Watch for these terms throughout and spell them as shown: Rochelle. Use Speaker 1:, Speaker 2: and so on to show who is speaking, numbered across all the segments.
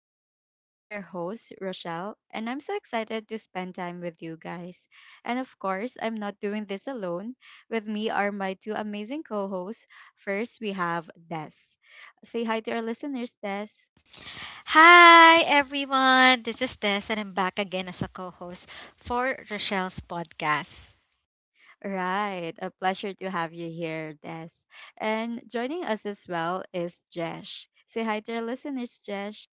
Speaker 1: talks. I'm your host, Rochelle, and I'm so excited to spend time with you guys. And of course, I'm not doing this alone. With me are my two amazing co hosts. First, we have Des. Say hi to our listeners, Des.
Speaker 2: Hi, everyone. This is Tess, and I'm back again as a co host for Rochelle's podcast.
Speaker 1: Right, a pleasure to have you here, Des. And joining us as well is Jesh. Say hi to our listeners, Jesh.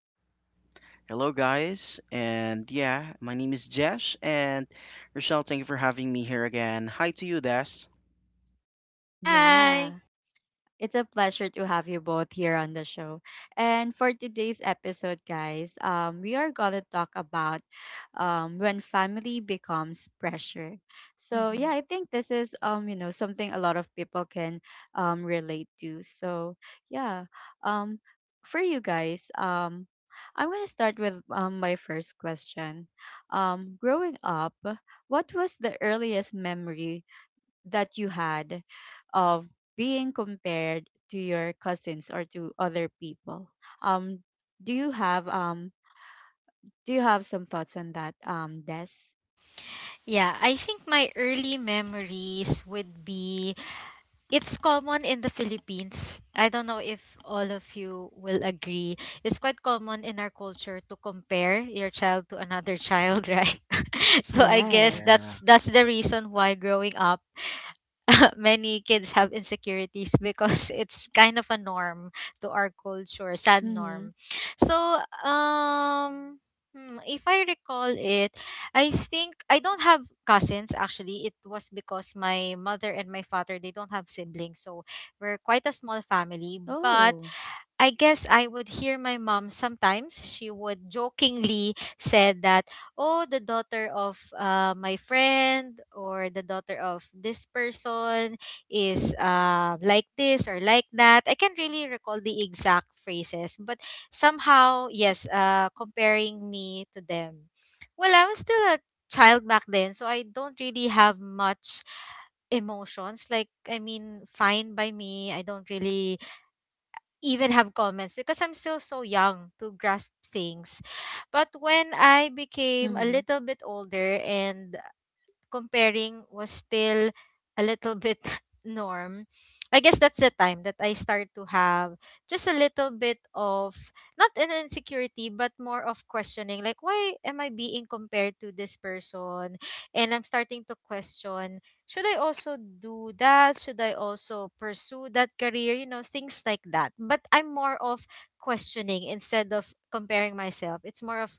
Speaker 3: Hello, guys, and yeah, my name is Jesh, and Rochelle, thank you for having me here again. Hi to you, Des.
Speaker 2: Hi.
Speaker 1: Yeah. It's a pleasure to have you both here on the show. And for today's episode, guys, we are going to talk about, when family becomes pressure. So, yeah,
Speaker 2: Mhm.
Speaker 1: I think this is, something a lot of people can relate to. So, yeah, um, for you guys, I'm going to start with my first question. Growing up, what was the earliest memory that you had of being compared to your cousins or to other people? Um, do you have um do you have some thoughts on that? Des?
Speaker 2: Yeah, I think my early memories would be it's common in the Philippines. I don't know if all of you will agree. It's quite common in our culture to compare your child to another child, right? So I guess
Speaker 1: Yes.
Speaker 3: Yeah,
Speaker 2: that's the reason why growing up many kids have insecurities because it's kind of a norm to our culture, sad
Speaker 1: Mm-hmm.
Speaker 2: norm. So, um, if I recall it, I think I don't have cousins actually. It was because my mother and my father they don't have siblings, so we're quite a small family. But
Speaker 1: Oh.
Speaker 2: I guess I would hear my mom sometimes. She would jokingly said that, "Oh, the daughter of my friend or the daughter of this person is like this or like that." I can't really recall the exact phrases, but somehow, yes, comparing me to them. Well, I was still a child back then, so I don't really have much emotions. Like, I mean, fine by me. I don't really even have comments because I'm still so young to grasp things. But when I became a
Speaker 1: Mm-hmm.
Speaker 2: little bit older and comparing was still a little bit norm, I guess that's the time that I start to have just a little bit of not an insecurity but more of questioning, like why am I being compared to this person, and I'm starting to question, should I also do that, should I also pursue that career, things like that. But I'm more of questioning instead of comparing myself. It's more of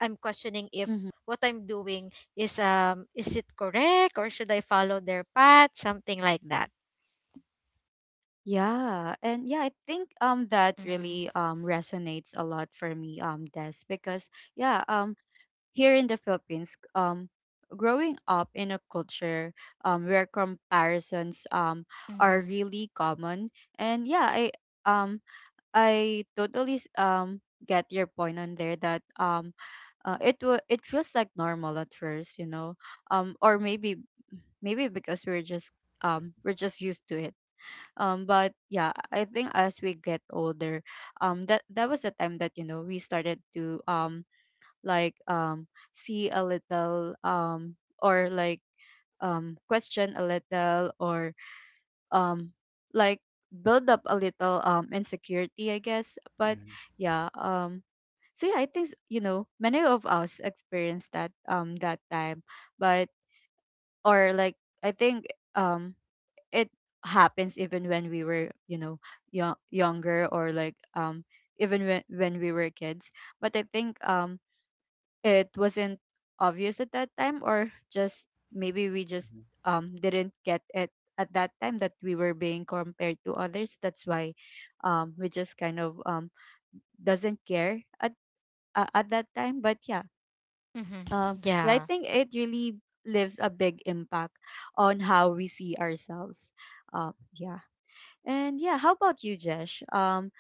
Speaker 2: I'm questioning if
Speaker 1: Mm-hmm.
Speaker 2: what I'm doing is it correct, or should I follow their path, something like that.
Speaker 1: Yeah, and yeah, I think that
Speaker 2: Mhm.
Speaker 1: really resonates a lot for me, Des, because yeah, here in the Philippines, growing up in a culture where comparisons are
Speaker 2: Mhm.
Speaker 1: really common, and yeah, um I totally get your point on there, that it feels like normal at first, or maybe because we're just, we're just used to it, but yeah, I think as we get older, that was the time that, we started to, like, see a little, or like, question a little, or um like, build up a little, insecurity, I guess. But yeah, so yeah, I think, many of us experienced that time. But or like, I think um it happens even when we were, young, younger, or like, even when we were kids. But I think it wasn't obvious at that time, or just maybe we just
Speaker 3: mhm,
Speaker 1: didn't get it at that time, that we were being compared to others. That's why we just kind of doesn't care at that time. But yeah,
Speaker 2: Mhm.
Speaker 1: yeah, I
Speaker 2: Yeah.
Speaker 1: think it really leaves a big impact on how we see ourselves, yeah. And yeah, how about you, Jesh?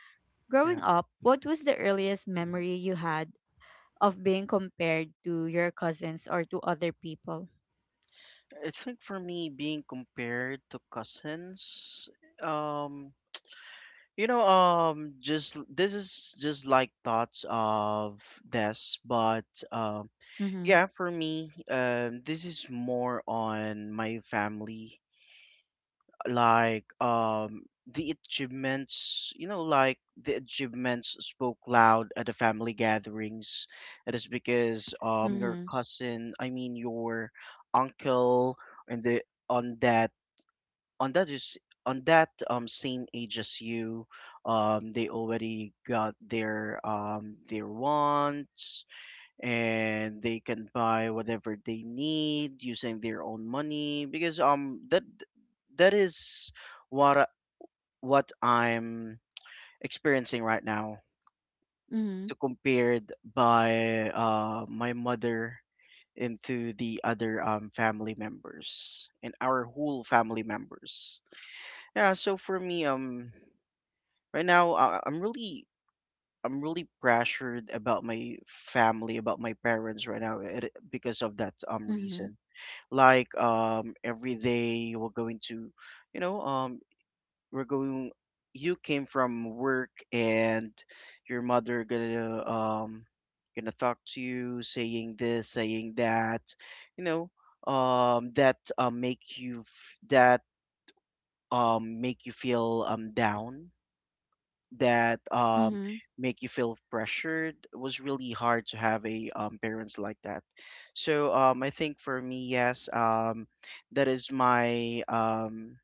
Speaker 1: Growing
Speaker 3: yeah.
Speaker 1: up, what was the earliest
Speaker 3: Mhm.
Speaker 1: memory you had of being compared to your cousins or to other people?
Speaker 3: I think for me, being compared to cousins, um, just this is just like thoughts of Des, but um,
Speaker 1: Mhm.
Speaker 3: yeah, for me, this is more on my family, like, the achievements you know like the achievements spoke loud at the family gatherings. It is because your
Speaker 1: Mhm.
Speaker 3: cousin, I mean your uncle, and the on that on that is on that same age as you. They already got their, wants, and they can buy whatever they need using their own money, because that is what I- what I'm experiencing right now.
Speaker 1: Mhm.
Speaker 3: To compared by my mother, into the other, family members and our whole family members. Yeah, so for me, right now, I'm really pressured about my family, about my parents right now, because of that
Speaker 1: Mhm.
Speaker 3: reason. Like, every day, we're going to you know we're going you came from work, and your mother gonna gonna talk to you, saying this, saying that, you know that make you feel down, that
Speaker 1: Mhm.
Speaker 3: make you feel pressured. It was really hard to have a, parents like that. So, I think for me, yes, that is my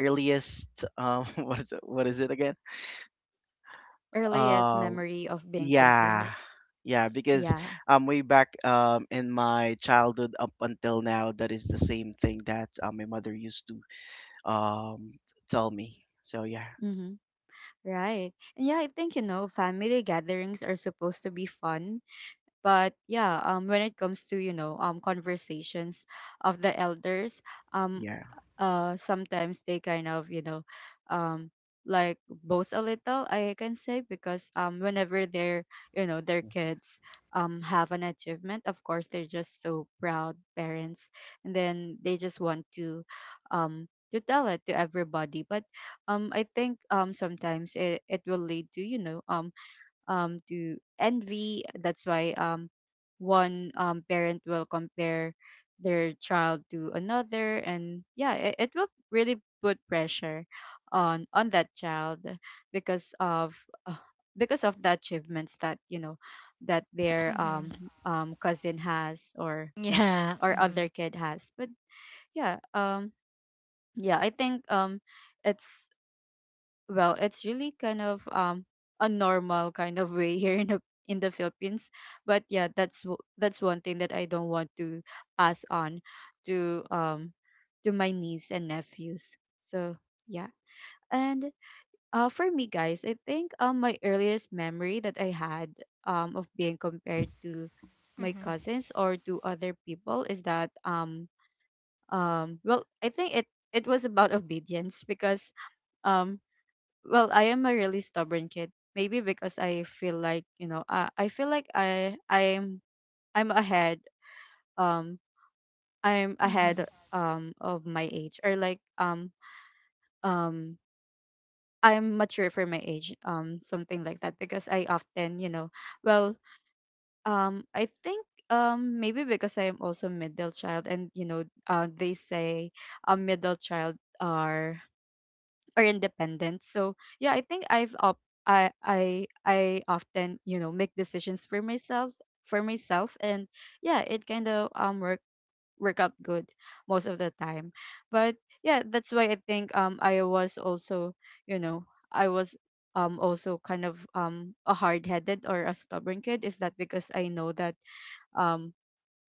Speaker 3: earliest, what is it again?
Speaker 1: Earliest
Speaker 3: um,
Speaker 1: memory of being
Speaker 3: yeah.
Speaker 1: compared.
Speaker 3: Yeah, because,
Speaker 1: Yeah.
Speaker 3: way back, in my childhood up until now, that is the same thing that, my mother used to, um, tell me. So yeah,
Speaker 1: Mhm. Right. And yeah, I think, family gatherings are supposed to be fun, but yeah, when it comes to, conversations of the elders, um
Speaker 3: yeah.
Speaker 1: sometimes they kind of, um like boast a little, I can say, because whenever their you know their kids have an achievement, of course they're just so proud parents, and then they just want to, um tell it to everybody. But I think sometimes it will lead to, to envy. That's why one, parent will compare their child to another, and yeah, it will really put pressure on that child because of, uh, the achievements that, their
Speaker 2: Mhm.
Speaker 1: cousin has, or yeah, or
Speaker 2: Yeah.
Speaker 1: other
Speaker 2: Mhm.
Speaker 1: kid has. But yeah, yeah, I think it's, well, it's really kind of a normal kind of way here in the, in the Philippines. But yeah, that's that's one thing that I don't want to pass on to, to my niece and nephews, so yeah. And for me, guys, I think my earliest memory that I had of being compared to my
Speaker 2: Mhm.
Speaker 1: cousins or to other people is that, well, I think it was about obedience, because um well, I am a really stubborn kid, maybe because I feel like, you know, I feel like I'm um ahead
Speaker 2: Mhm.
Speaker 1: of my age, or like, um I'm mature for my age, something like that, because I often, you know, well, I think maybe because I am also middle child, and you know, they say a middle child are, or independent. So yeah, I think I often, you know, make decisions for myself, and yeah, it kind of work out good most of the time. But yeah, that's why I think I was also, you know, I was also kind of a hard headed, or a stubborn kid. Is that because I know that, um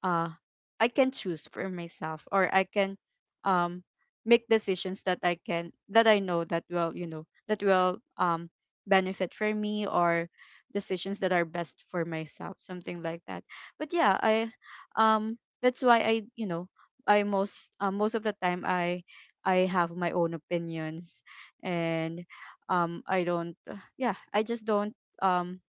Speaker 1: uh I can choose for myself, or I can um make decisions that I can, that I know that will, you know, that will benefit for me, or decisions that are best for myself, something like that. But yeah, I, um that's why I, you know, I most, most of the time I have my own opinions, and I don't, yeah, I just don't, um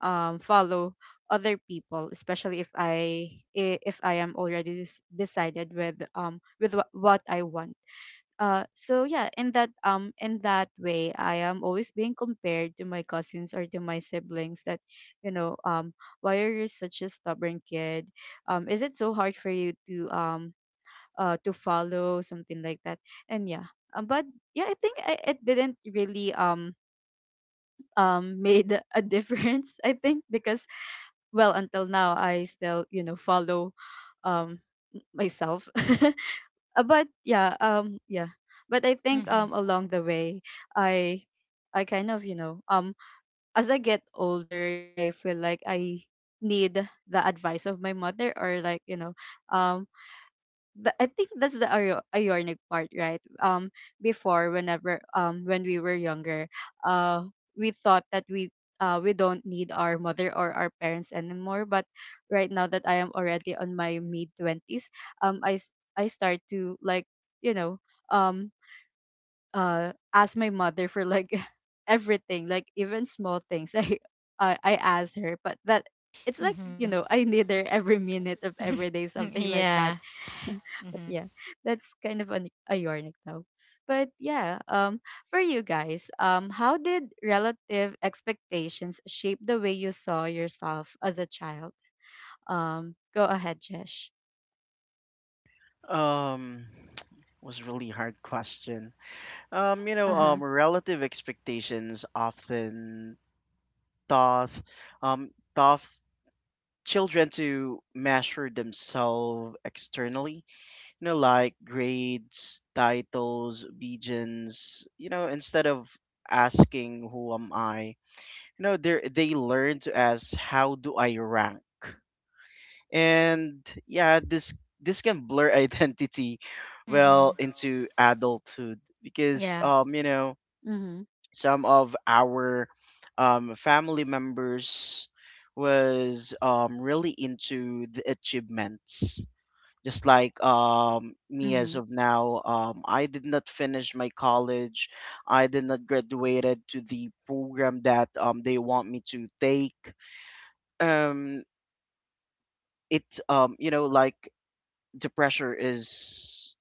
Speaker 1: follow other people, especially if I am already decided with, with what I want. So yeah, in that, in that way, I am always being compared to my cousins or to my siblings. That, you know, why are you such a stubborn kid? Is it so hard for you to, to follow, something like that? And yeah, but yeah, I think I, it didn't really made a difference, I think, because well, until now I still, you know, follow um myself. But yeah, yeah, but I think
Speaker 2: Mhm.
Speaker 1: along the way, i I kind of, you know, as I get older, I feel like I need the advice of my mother, or like, you know, um the, I think that's the ironic part, right? Before, whenever, when we were younger, uh, we thought that we don't need our mother or our parents anymore. But right now that I am already on my mid twenties, I, I start to, like, you know, um, ask my mother for, like, everything, like even small things. I, I ask her, but that, it's like, you know,
Speaker 2: Mhm.
Speaker 1: I need her every minute of every day, something like
Speaker 2: Yeah.
Speaker 1: that, but
Speaker 2: Mhm.
Speaker 1: yeah, that's kind of an a yarnic though. But yeah, for you guys, how did relative expectations shape the way you saw yourself as a child? Go ahead, Jesh.
Speaker 3: Um, was really hard question. You know,
Speaker 1: Uh huh.
Speaker 3: relative expectations often doth, doth children to measure themselves externally. You know, like grades, titles, obedience. You know, instead of asking who am I, you know, they learn to ask how do I rank. And yeah, this can blur identity well
Speaker 2: Mhm.
Speaker 3: into adulthood, because,
Speaker 2: Yeah.
Speaker 3: you know,
Speaker 1: Mhm.
Speaker 3: some of our, family members was really into the achievements, just like, me as
Speaker 1: Mhm.
Speaker 3: of now, I did not finish my college. I did not graduated to the program that they want me to take. Um it you know Like, the pressure is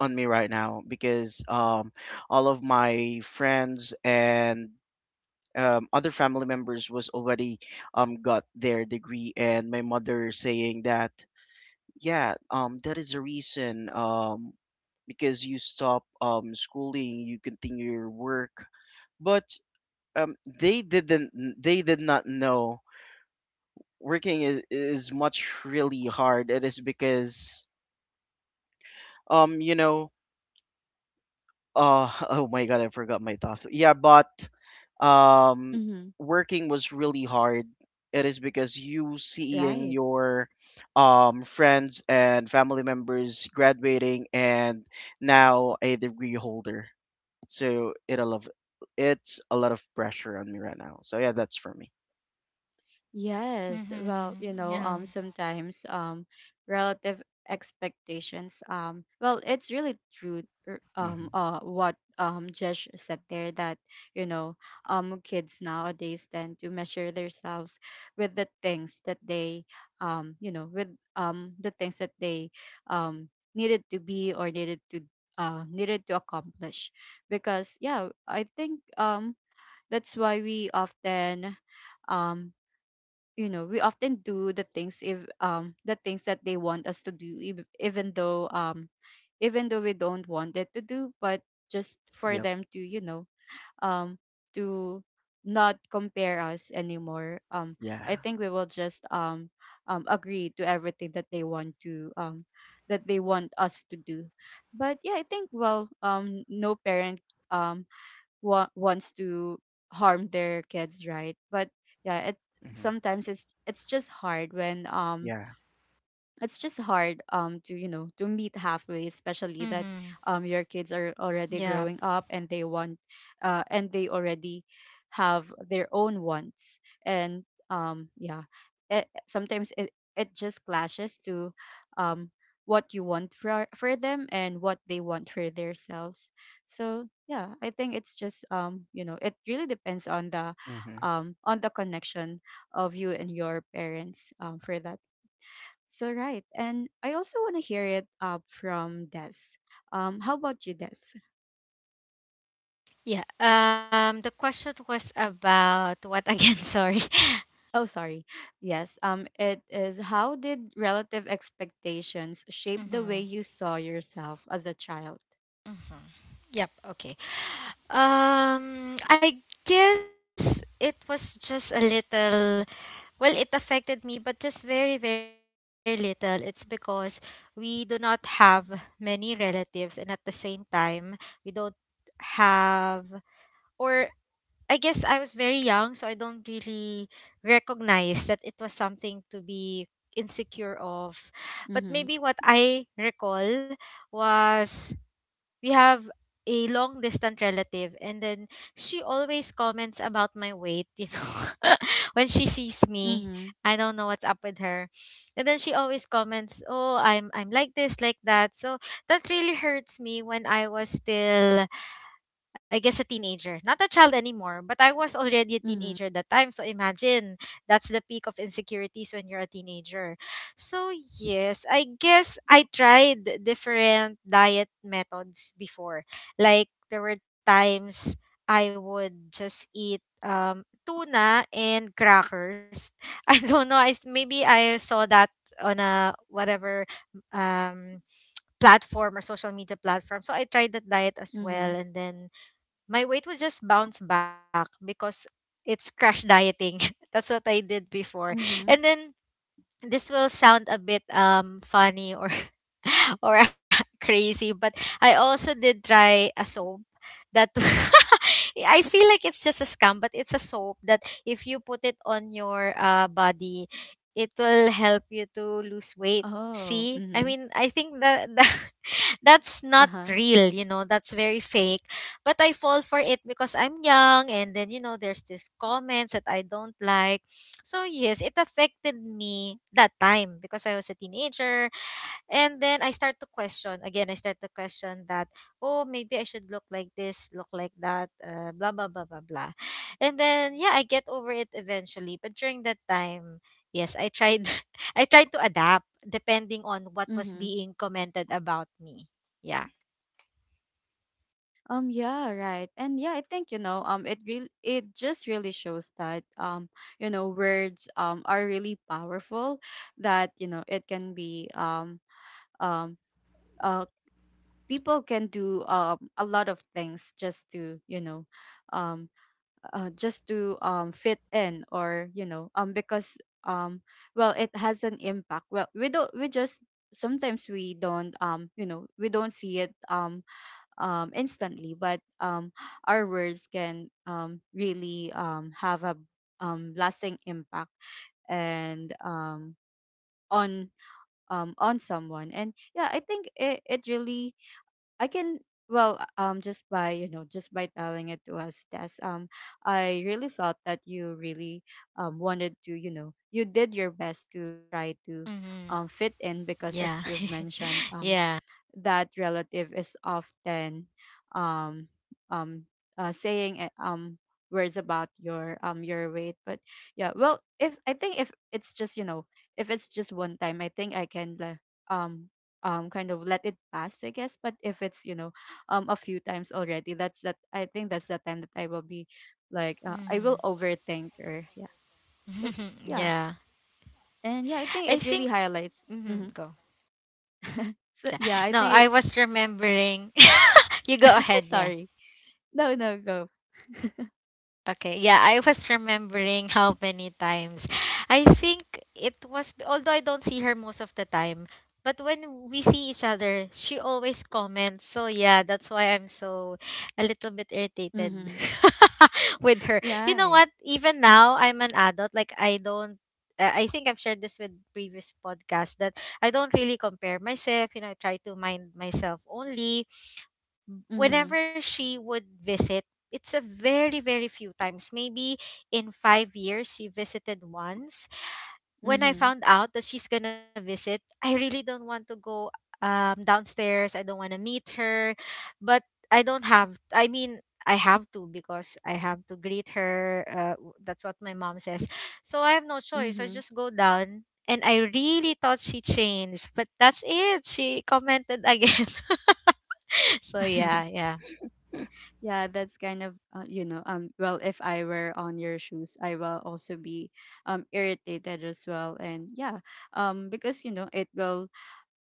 Speaker 3: on me right now, because, all of my friends and, other family members was already, got their degree. And my mother saying that, yeah, that is the reason, because you stop, schooling, you continue your work. But, um, they didn't they did not know working is much really hard. It is because, um you know oh my God, I forgot my thought. Yeah, but, um,
Speaker 1: Mhm.
Speaker 3: working was really hard. It is because you seeing
Speaker 1: Right.
Speaker 3: your, friends and family members graduating and now a degree holder. So it's a lot of pressure on me right now. So yeah, that's for me.
Speaker 1: Yes, well, you know,
Speaker 2: Mhm. Yeah.
Speaker 1: sometimes, relative expectations, well, it's really true.
Speaker 3: Hmm.
Speaker 1: What Jesh said there, that you know, kids nowadays tend to measure themselves with the things that they, with the things that they um needed to be, or needed to, needed to accomplish, because yeah, I think that's why we often, um we often do the things, if the things that they want us to do, even though we don't want it to do, but just for
Speaker 3: Yep.
Speaker 1: them to, you know, um to not compare us anymore.
Speaker 3: Yeah.
Speaker 1: I think we will just, agree to everything that they want to, that they want us to do. But yeah, I think well, no parent um wants to harm their kids, right? But yeah, it's,
Speaker 3: Hmm.
Speaker 1: sometimes it's just hard when,
Speaker 3: Yeah.
Speaker 1: it's just hard to, you know, to meet halfway, especially that
Speaker 2: Mhm.
Speaker 1: your kids are already
Speaker 2: Yeah.
Speaker 1: growing up, and they want, and they already have their own wants, and yeah, it, sometimes it, it just clashes to, um what you want for them, and what they want for themselves. So yeah, I think it's just, you know, it really depends on the,
Speaker 3: Hmm.
Speaker 1: on the connection of you and your parents, for that. So right, and I also want to hear it, from Des. How about you, Des?
Speaker 2: Yeah, um, the question was about what again, sorry.
Speaker 1: Oh, sorry. Yes. It is, how did relative expectations shape the way you
Speaker 2: Mhm.
Speaker 1: saw yourself as a child?
Speaker 2: Mhm. Yep, okay. I guess it was just a little, well, it affected me, but just very, very little. It's because we do not have many relatives, and at the same time, we don't have, or I guess I was very young, so I don't really recognize that it was something to be insecure of. But
Speaker 1: Mm-hmm.
Speaker 2: maybe what I recall was we have a long distant relative, and then she always comments about my weight, you know, when she sees me.
Speaker 1: Mm-hmm.
Speaker 2: I don't know what's up with her, and then she always comments, oh, I'm like this like that. So that really hurts me when I was still, I guess, a teenager. Not a child anymore, but I was already a
Speaker 1: Mm-hmm.
Speaker 2: teenager at that time. So imagine that's the peak of insecurities when you're a teenager. So yes, I guess I tried different diet methods before. Like there were times I would just eat tuna and crackers. I don't know. I maybe I saw that on a whatever um platform or social media platform. So I tried that diet as
Speaker 1: Mm-hmm.
Speaker 2: well, and then my weight would just bounce back because it's crash dieting. That's what I did before.
Speaker 1: Mm-hmm.
Speaker 2: And then this will sound a bit funny or or crazy, but I also did try a soap that I feel like it's just a scam, but it's a soap that if you put it on your body, it will help you to lose weight.
Speaker 1: Oh.
Speaker 2: See, I
Speaker 1: Mm-hmm.
Speaker 2: mean, I think that that's not
Speaker 1: Uh-huh.
Speaker 2: real, you know, that's very fake. But I fall for it because I'm young, and then, you know, there's these comments that I don't like. So, yes, it affected me that time because I was a teenager, and then I start to question again. I start to question that, oh, maybe I should look like this, look like that, blah blah blah blah blah. And then yeah, I get over it eventually. But during that time, yes, I tried, I tried to adapt depending on what was
Speaker 1: Mm-hmm.
Speaker 2: being commented about me. Yeah.
Speaker 1: Yeah. Right. And yeah, I think, it just really shows that, you know, words, are really powerful, that you know, it can be um uh people can do a lot of things just to um just to fit in or because um well it has an impact. Well we just sometimes we don't we don't see it instantly, but our words can really have a lasting impact, and on on someone. And yeah, I think it really, I can, just by just by telling it to us, Tess, I really felt that you really wanted to, you did your best to try to
Speaker 2: Mm-hmm.
Speaker 1: fit in because as
Speaker 2: Yeah.
Speaker 1: you've mentioned,
Speaker 2: Yeah.
Speaker 1: that relative is often um um saying words about your weight. But yeah, well if I think if it's just if it's just one time, I think I can um kind of let it pass I guess. But if it's a few times already, that's that I think that's the time that I will be like, I will
Speaker 2: Mm-hmm.
Speaker 1: overthink or yeah. But yeah,
Speaker 2: Yeah.
Speaker 1: and yeah, I think
Speaker 2: I
Speaker 1: it really
Speaker 2: think.
Speaker 1: highlights.
Speaker 2: Mm-hmm. Go.
Speaker 1: So
Speaker 2: Yeah.
Speaker 1: yeah, I
Speaker 2: No,
Speaker 1: think it,
Speaker 2: I was remembering. You go ahead. Yeah.
Speaker 1: sorry, no, no, go.
Speaker 2: Okay, yeah, I was remembering how many times. I think it was, although I don't see her most of the time, but when we see each other, she always comments. So, yeah, that's why I'm so a little bit irritated
Speaker 1: Mhm.
Speaker 2: with her. You know
Speaker 1: Right.
Speaker 2: what? Even now, I'm an adult. Like, I don't. Uh, I think I've shared this with previous podcasts that I don't really compare myself. You know, I try to mind myself only.
Speaker 1: Mhm.
Speaker 2: Whenever she would visit, it's a very, very few times. Maybe in five years, she visited once. When I
Speaker 1: Mhm.
Speaker 2: found out that she's going to visit, I really don't want to go downstairs. I don't want to meet her. But I don't have, I mean, I have to because I have to greet her. That's what my mom says. So I have no choice. I
Speaker 1: Mhm.
Speaker 2: just go down. And I really thought she changed, but that's it. She commented again. So yeah, yeah.
Speaker 1: Yeah, that's kind of, well, if I were on your shoes, I will also be irritated as well. And yeah, because you know it will,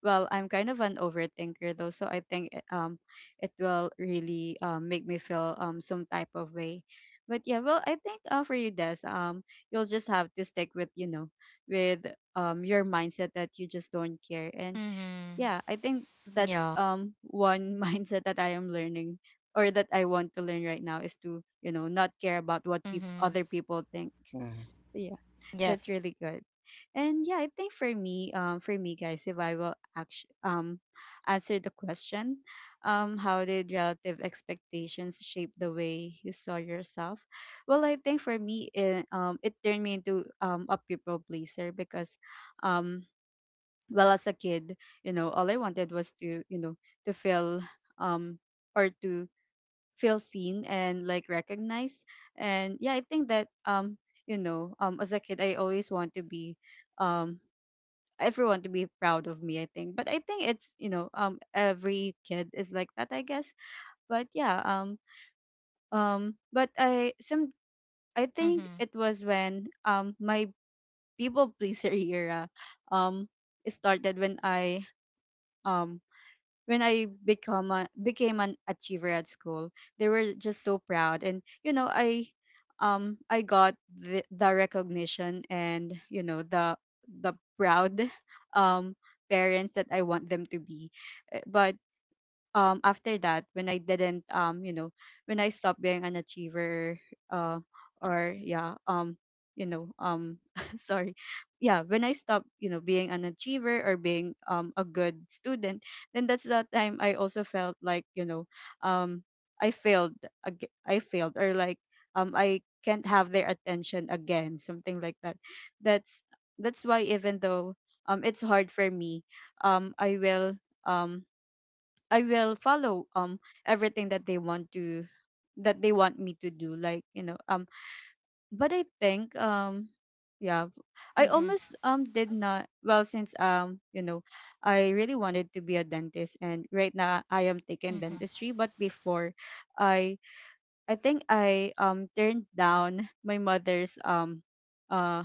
Speaker 1: well, I'm kind of an overthinker though, so I think it will really make me feel some type of way. But yeah, well I think, for you, Des, you'll just have to stick with, you know, with your mindset that you just don't care. And
Speaker 2: Mm-hmm.
Speaker 1: yeah, I think
Speaker 2: Yeah.
Speaker 1: that's one mindset that I am learning or that I want to learn right now, is to, you know, not care about what peop
Speaker 2: Mm-hmm.
Speaker 1: other people think.
Speaker 3: Hmm.
Speaker 1: So yeah,
Speaker 2: Yep.
Speaker 1: that's really good. And yeah, I think for me guys, if I will actually answer the question, how did relative expectations shape the way you saw yourself? Well, I think for me it turned me into a people pleaser because um well, as a kid, you know, all I wanted was to, you know, to feel um or to feel seen and like recognized. And yeah, I think that you know as a kid, I always want to be um everyone to be proud of me I think, but I think it's, you know, every kid is like that I guess. But yeah, but I some I think
Speaker 2: Mm-hmm.
Speaker 1: it was when my people pleaser era um started um when I became an achiever at school. They were just so proud, and you know, I got the recognition, and you know, the proud um parents that I want them to be. But after that, when I didn't you know, when I stopped being an achiever, uh or yeah, you know, sorry, yeah, when I stopped, you know, being an achiever or being a good student, then that's that time I also felt like, you know, um I failed, I failed, or like I can't have their attention again, something like that. that's that's why, even though it's hard for me, um I will um I will follow everything that they want to, that they want me to do, like, you know. But I think, yeah, I
Speaker 2: Mm-hmm.
Speaker 1: almost did not, well, since you know, I really wanted to be a dentist, and right now I am taking
Speaker 2: Mm-hmm.
Speaker 1: dentistry. But before, I I think I turned down uh,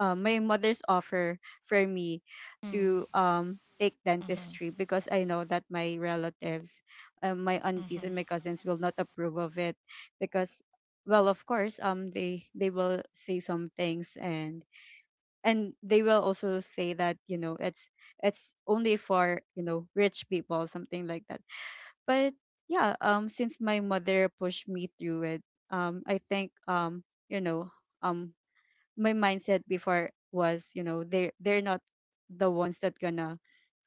Speaker 1: my mother's offer for me to
Speaker 2: Mm-hmm.
Speaker 1: take dentistry because I know that my relatives, my aunties and
Speaker 2: Mm-hmm.
Speaker 1: my
Speaker 2: Mm-hmm.
Speaker 1: cousins will not approve of it, because, well, of course, they will say some things, and they will also say that, you know, it's only for, you know, rich people, something like that. But yeah, since my mother pushed me through it, I think, you know, um my mindset before was, you know, they are, they're not the ones that gonna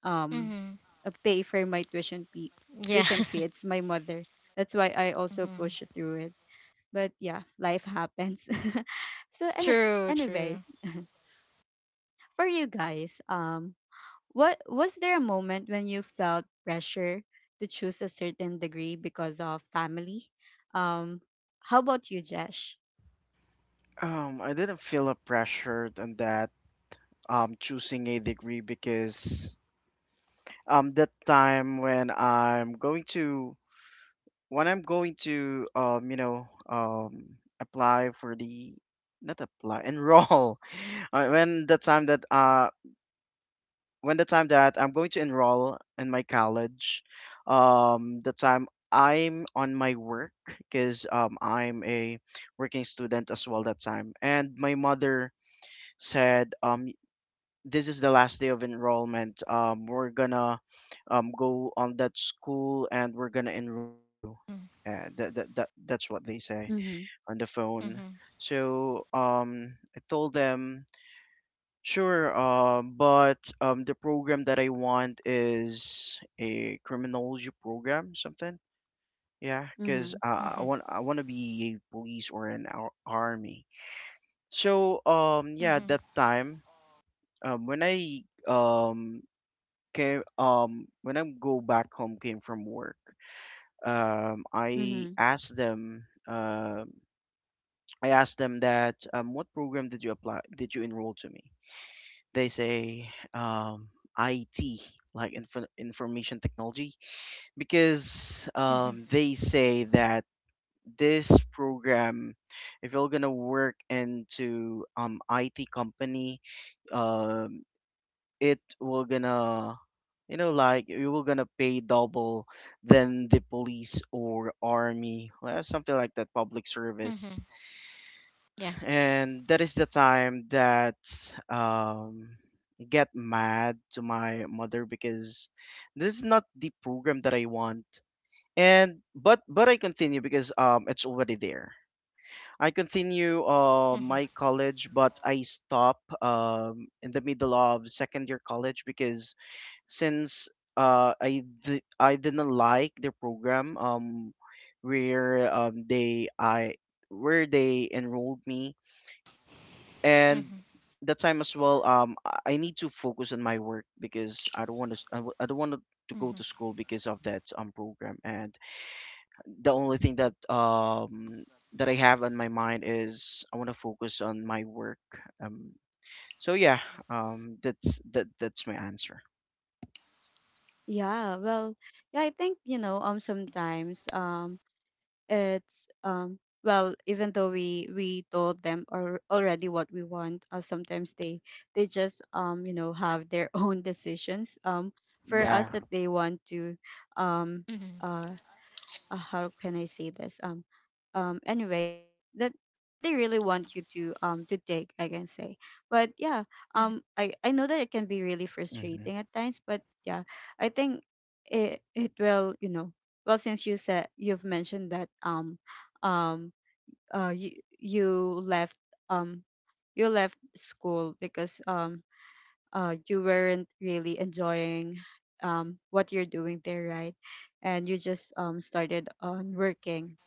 Speaker 1: um
Speaker 2: Mm-hmm.
Speaker 1: pay for my tuition fee. Tuition
Speaker 2: Yeah.
Speaker 1: fee, it's my mother, that's why I also push through
Speaker 2: Mm-hmm.
Speaker 1: it. But yeah, life happens. so any,
Speaker 2: True,
Speaker 1: anyway,
Speaker 2: true.
Speaker 1: for you guys, what, was there a moment when you felt pressure to choose a certain degree because of family? um how about you, Jesh?
Speaker 3: I didn't feel a pressure on that, choosing a degree, because, that time, when I'm going to, apply for the, not apply enroll, uh, when the time that uh when the time that I'm going to enroll in my college, the time I'm on my work, because, I'm a working student as well that time, and my mother said, this is the last day of enrollment. We're gonna, go on that school and we're gonna enroll you.
Speaker 2: Mm-hmm.
Speaker 3: That's what they say
Speaker 1: Mm-hmm.
Speaker 2: Mm-hmm.
Speaker 3: on the phone. So, I told them, sure, but, the program that I want is a criminology program, something. Yeah,
Speaker 2: Mm-hmm.
Speaker 3: because,
Speaker 1: Mm-hmm.
Speaker 3: I want to be a police or an army. So,
Speaker 2: Mm-hmm.
Speaker 3: yeah, at that time, when I came, when I go back home, came from work, um I
Speaker 1: Mm-hmm.
Speaker 3: asked them um I asked them that, what program did you apply, did you enroll to me? They say, IT, like, information technology, because,
Speaker 2: Mm-hmm.
Speaker 3: they say that this program, if you're gonna work into IT company, um it will gonna, like, you were gonna pay double than the police or army, well, something like that, public service.
Speaker 2: Mm-hmm. Yeah.
Speaker 3: And that is the time that, um, I get mad to my mother, because this is not the program that I want. And but I continue, because, it's already there. I continue,
Speaker 2: Mm-hmm.
Speaker 3: my college, but I stop, in the middle of second year college, because, since, I didn't like the program, where um they I where they enrolled me. And
Speaker 2: Mm-hmm.
Speaker 3: that time as well, I need to focus on my work, because, I don't want to go
Speaker 2: Mm-hmm.
Speaker 3: to school, because of that, program. And the only thing that I have on my mind is I want to focus on my work. um so yeah, that's my answer.
Speaker 1: Yeah, well, yeah, I think, you know, sometimes it's well, even though we told them or already what we want, sometimes they just you know, have their own decisions for
Speaker 3: Yeah.
Speaker 1: us, that they
Speaker 2: Mm-hmm.
Speaker 1: want to um uh how can I say this? Anyway, that they really want you to take, I can say. But yeah,
Speaker 2: Mm-hmm.
Speaker 1: I know that it can be really
Speaker 3: Hmm.
Speaker 1: frustrating at times. But yeah, I think it, it will, you know, well, since you said, you've mentioned that um you, you left um you left school because you weren't really enjoying what you're doing there, right? And you just started on working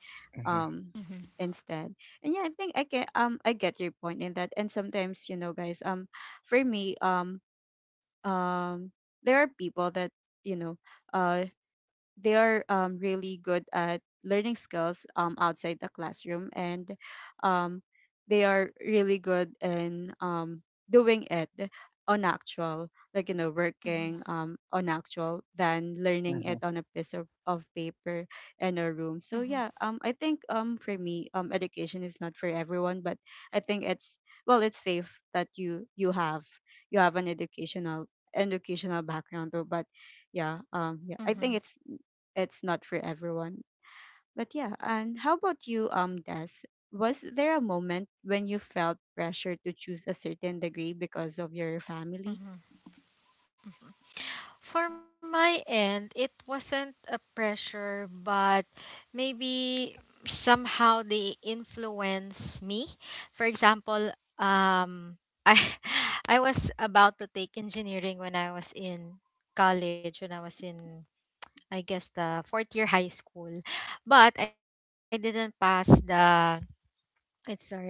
Speaker 1: um,
Speaker 2: Mm-hmm.
Speaker 1: instead. And yeah, I think I can I get your point in that. And sometimes, you know, guys, for me, um, there are people that, you know, uh, they are really good at learning skills outside the classroom, and um, they are really good in doing it on actual, like, you
Speaker 2: Mm-hmm.
Speaker 1: know, working on actual, than learning
Speaker 3: Hmm.
Speaker 1: it on a piece of paper in a room. So yeah,
Speaker 2: Mm-hmm.
Speaker 1: I think, for me, education is not for everyone, but I think it's, well, it's safe that you have, you have an educational, educational background though. But yeah, yeah, I think
Speaker 2: Mm-hmm.
Speaker 1: it's not for everyone. But yeah, and how about you, Des? Was there a moment when you felt pressure to choose a certain degree because of your family?
Speaker 2: Mm-hmm. For my end, it wasn't a pressure, but maybe somehow they influence me. For example, um, I I was about to take engineering when I was in college, when I was in, I guess, the fourth year high school, but I didn't pass the. It's sorry,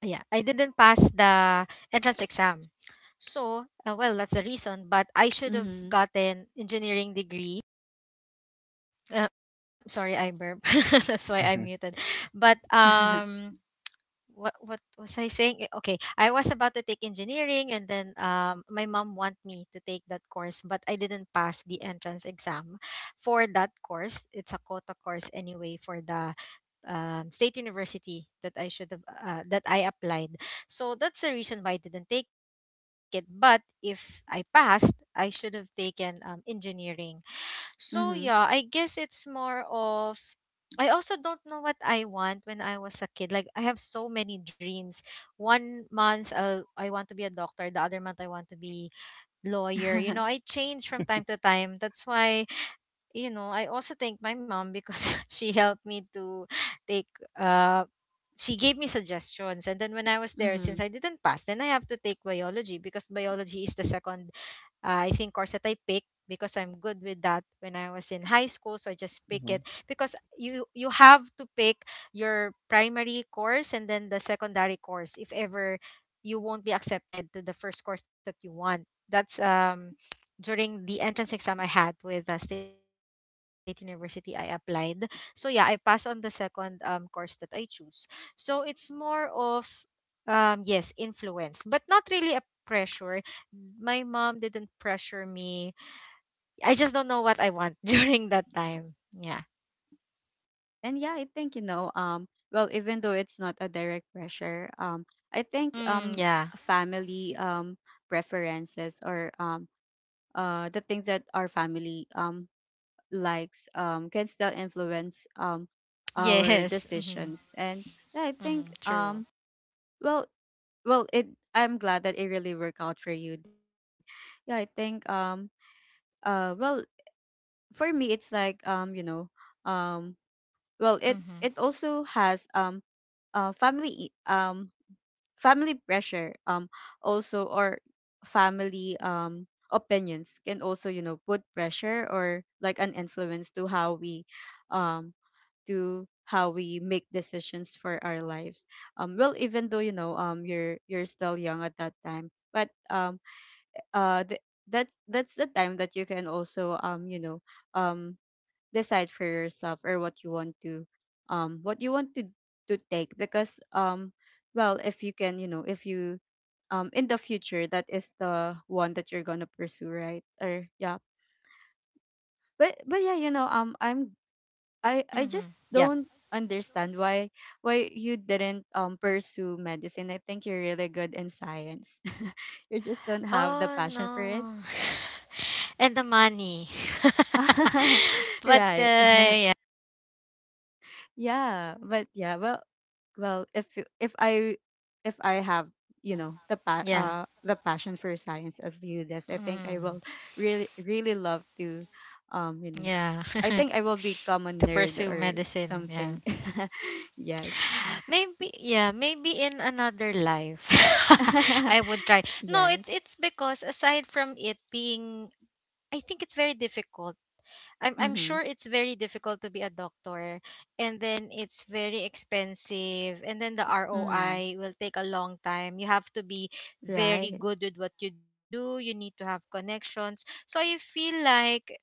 Speaker 2: yeah, I didn't pass the entrance exam. So, well, that's the reason. But I
Speaker 1: Mm-hmm.
Speaker 2: should have gotten engineering degree. Sorry, I burp. That's why I
Speaker 3: Hmm.
Speaker 2: muted. But what was I saying? Eh, okay, I was about to take engineering, and then my mom want me to take that course, but I didn't pass the entrance exam for that course. It's a quota course anyway for the state university that I should have that I applied. So that's the reason why I didn't take it. But if I passed, I should have taken engineering. So yeah, I
Speaker 1: Mm-hmm.
Speaker 2: guess it's more of I also don't know what I want when I was a kid. Like I have so many dreams. One month I'll, I want to be a doctor, the other month I want to be lawyer. You know, I change from time to time. That's why, you know, I also thank my mom because she helped me to take uh she gave me suggestions, and then when I was there, since I
Speaker 1: Mm-hmm.
Speaker 2: didn't pass, then I have to take biology because biology is the second I think course that I picked because I'm good with that when I was in high school. So I just pick
Speaker 3: Mm-hmm.
Speaker 2: it because you have to pick your primary course and then the secondary course if ever you won't be accepted to the first course that you want. That's during the entrance exam I had with the state university I applied. So yeah, I passed on the second course that I choose. So it's more of yes, influence, but not really a pressure. Mm, my mom didn't pressure me. I just don't know what I want during that time. Yeah.
Speaker 1: And yeah, I think, you know, well, even though it's not a direct pressure, I think,
Speaker 2: Mm, yeah.
Speaker 1: family preferences or the things that our family likes can still influence our
Speaker 2: Yes. Mm-hmm.
Speaker 1: decisions. And yeah, I think,
Speaker 2: Mm-hmm. True.
Speaker 1: well, well, it, I'm glad that it really worked out for you, this. And yeah, I think, well, for me, it's like, you know, um, well, it
Speaker 2: Mm-hmm.
Speaker 1: also has, family family pressure also, or family opinions can also, you know, put pressure or like an influence um to how we make decisions for our lives. Well, even though, you know, you're still young at that time, but uh th- that's the time that you can also, you know, um decide for yourself, or what you want to, what you want to take, because well, if you can, you know, if you in the future, that is the one that you're gonna pursue, right? Or yeah, but yeah, you know, I
Speaker 2: Mm-hmm.
Speaker 1: just
Speaker 2: Yep.
Speaker 1: don't understand why you didn't pursue medicine. I think you're really good in science. You just don't have the
Speaker 2: Oh
Speaker 1: passion for it.
Speaker 2: no. And the money. But
Speaker 1: Right.
Speaker 2: yeah.
Speaker 1: Yeah, but yeah, well, well, if I if I have, you
Speaker 2: Mm-hmm.
Speaker 1: know,
Speaker 2: Yeah.
Speaker 1: the passion for science as you, this, I think I will
Speaker 2: Mm-hmm.
Speaker 1: really, really love to you know,
Speaker 2: Yeah.
Speaker 1: I think I will become a
Speaker 2: To
Speaker 1: nerd
Speaker 2: pursue
Speaker 1: or
Speaker 2: medicine. Yeah.
Speaker 1: something. Yes.
Speaker 2: Maybe yeah, maybe in another life I would try. No,
Speaker 1: Yes.
Speaker 2: it's because aside from it being I think it's very difficult, I'm
Speaker 1: Mm-hmm.
Speaker 2: sure it's very difficult to be a doctor, and then it's very expensive, and then the
Speaker 1: Mm-hmm.
Speaker 2: ROI will take a long time. You have to be
Speaker 1: Right.
Speaker 2: very good with what you do. You need to have connections. So I feel like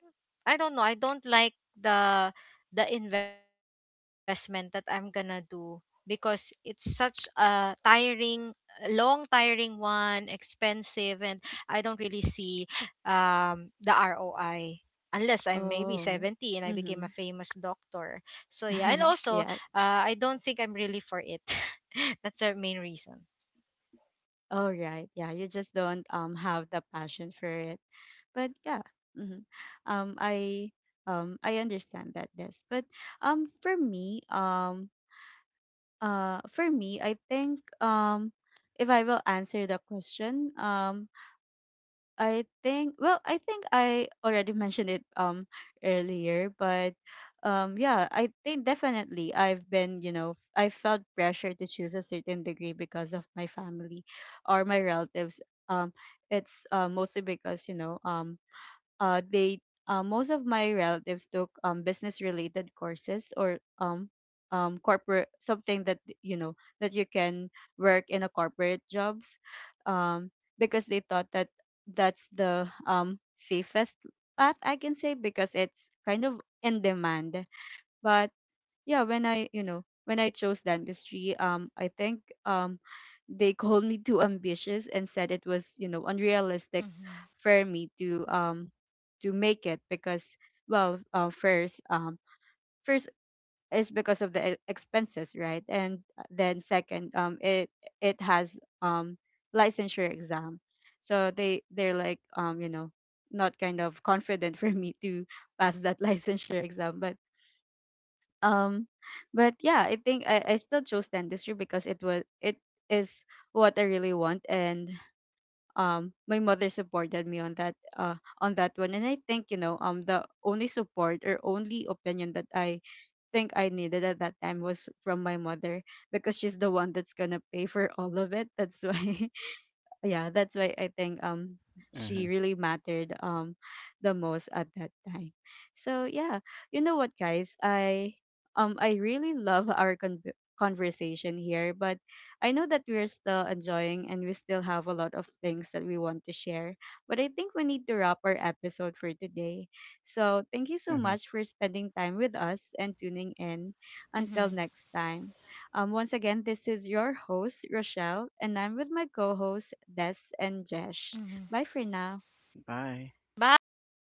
Speaker 2: I don't know, I don't like the the investment that I'm gonna do because it's such a tiring long tiring one, expensive, and I don't really see the ROI unless I'm maybe
Speaker 1: Oh.
Speaker 2: 70 and I became a
Speaker 1: Mm-hmm.
Speaker 2: famous doctor. So yeah, and also
Speaker 1: Yes.
Speaker 2: I don't think I'm really for it. That's the main reason.
Speaker 1: Oh, right. Yeah, you just don't have the passion for it. But yeah. hmm Um, I I understand that, this. But um for me, um for me, I think, if I will answer the question, I think, well, I think I already mentioned it earlier, but yeah, I think definitely I've been, you know, I felt pressure to choose a certain degree because of my family or my relatives. Um it's mostly because, you know, they most of my relatives took business related courses, or corporate, something that, you know, that you can work in a corporate jobs, um because they thought that that's the safest path, I can say, because it's kind of in demand. But yeah, when I, you know, when I chose dentistry, I think, um they called me too ambitious, and said it was, you know, unrealistic
Speaker 2: Hmm.
Speaker 1: for me to make it because, well, first is because of the expenses, right? And then second, it it has licensure exam. So they're like, you know, not kind of confident for me to pass that licensure exam. But um but yeah, I think I still chose dentistry because it was, it is what I really want. And my mother supported me on that one. And I think, you know, the only support or only opinion that I think I needed at that time was from my mother, because she's the one that's gonna pay for all of it, that's why. Yeah, that's why I think
Speaker 3: Mm-hmm.
Speaker 1: she really mattered the most at that time. So yeah, you know what, guys, I really love our conversation here, but I know that we're still enjoying and we still have a lot of things that we want to share. But I think we need to wrap our episode for today. So thank you so
Speaker 3: Mm-hmm.
Speaker 1: much for spending time with us and tuning in. Until next
Speaker 2: Hmm.
Speaker 1: time, once again, this is your host, Rochelle, and I'm with my co hosts, Des and Jesh. Bye
Speaker 2: Hmm.
Speaker 1: for now.
Speaker 3: Bye.
Speaker 2: Bye.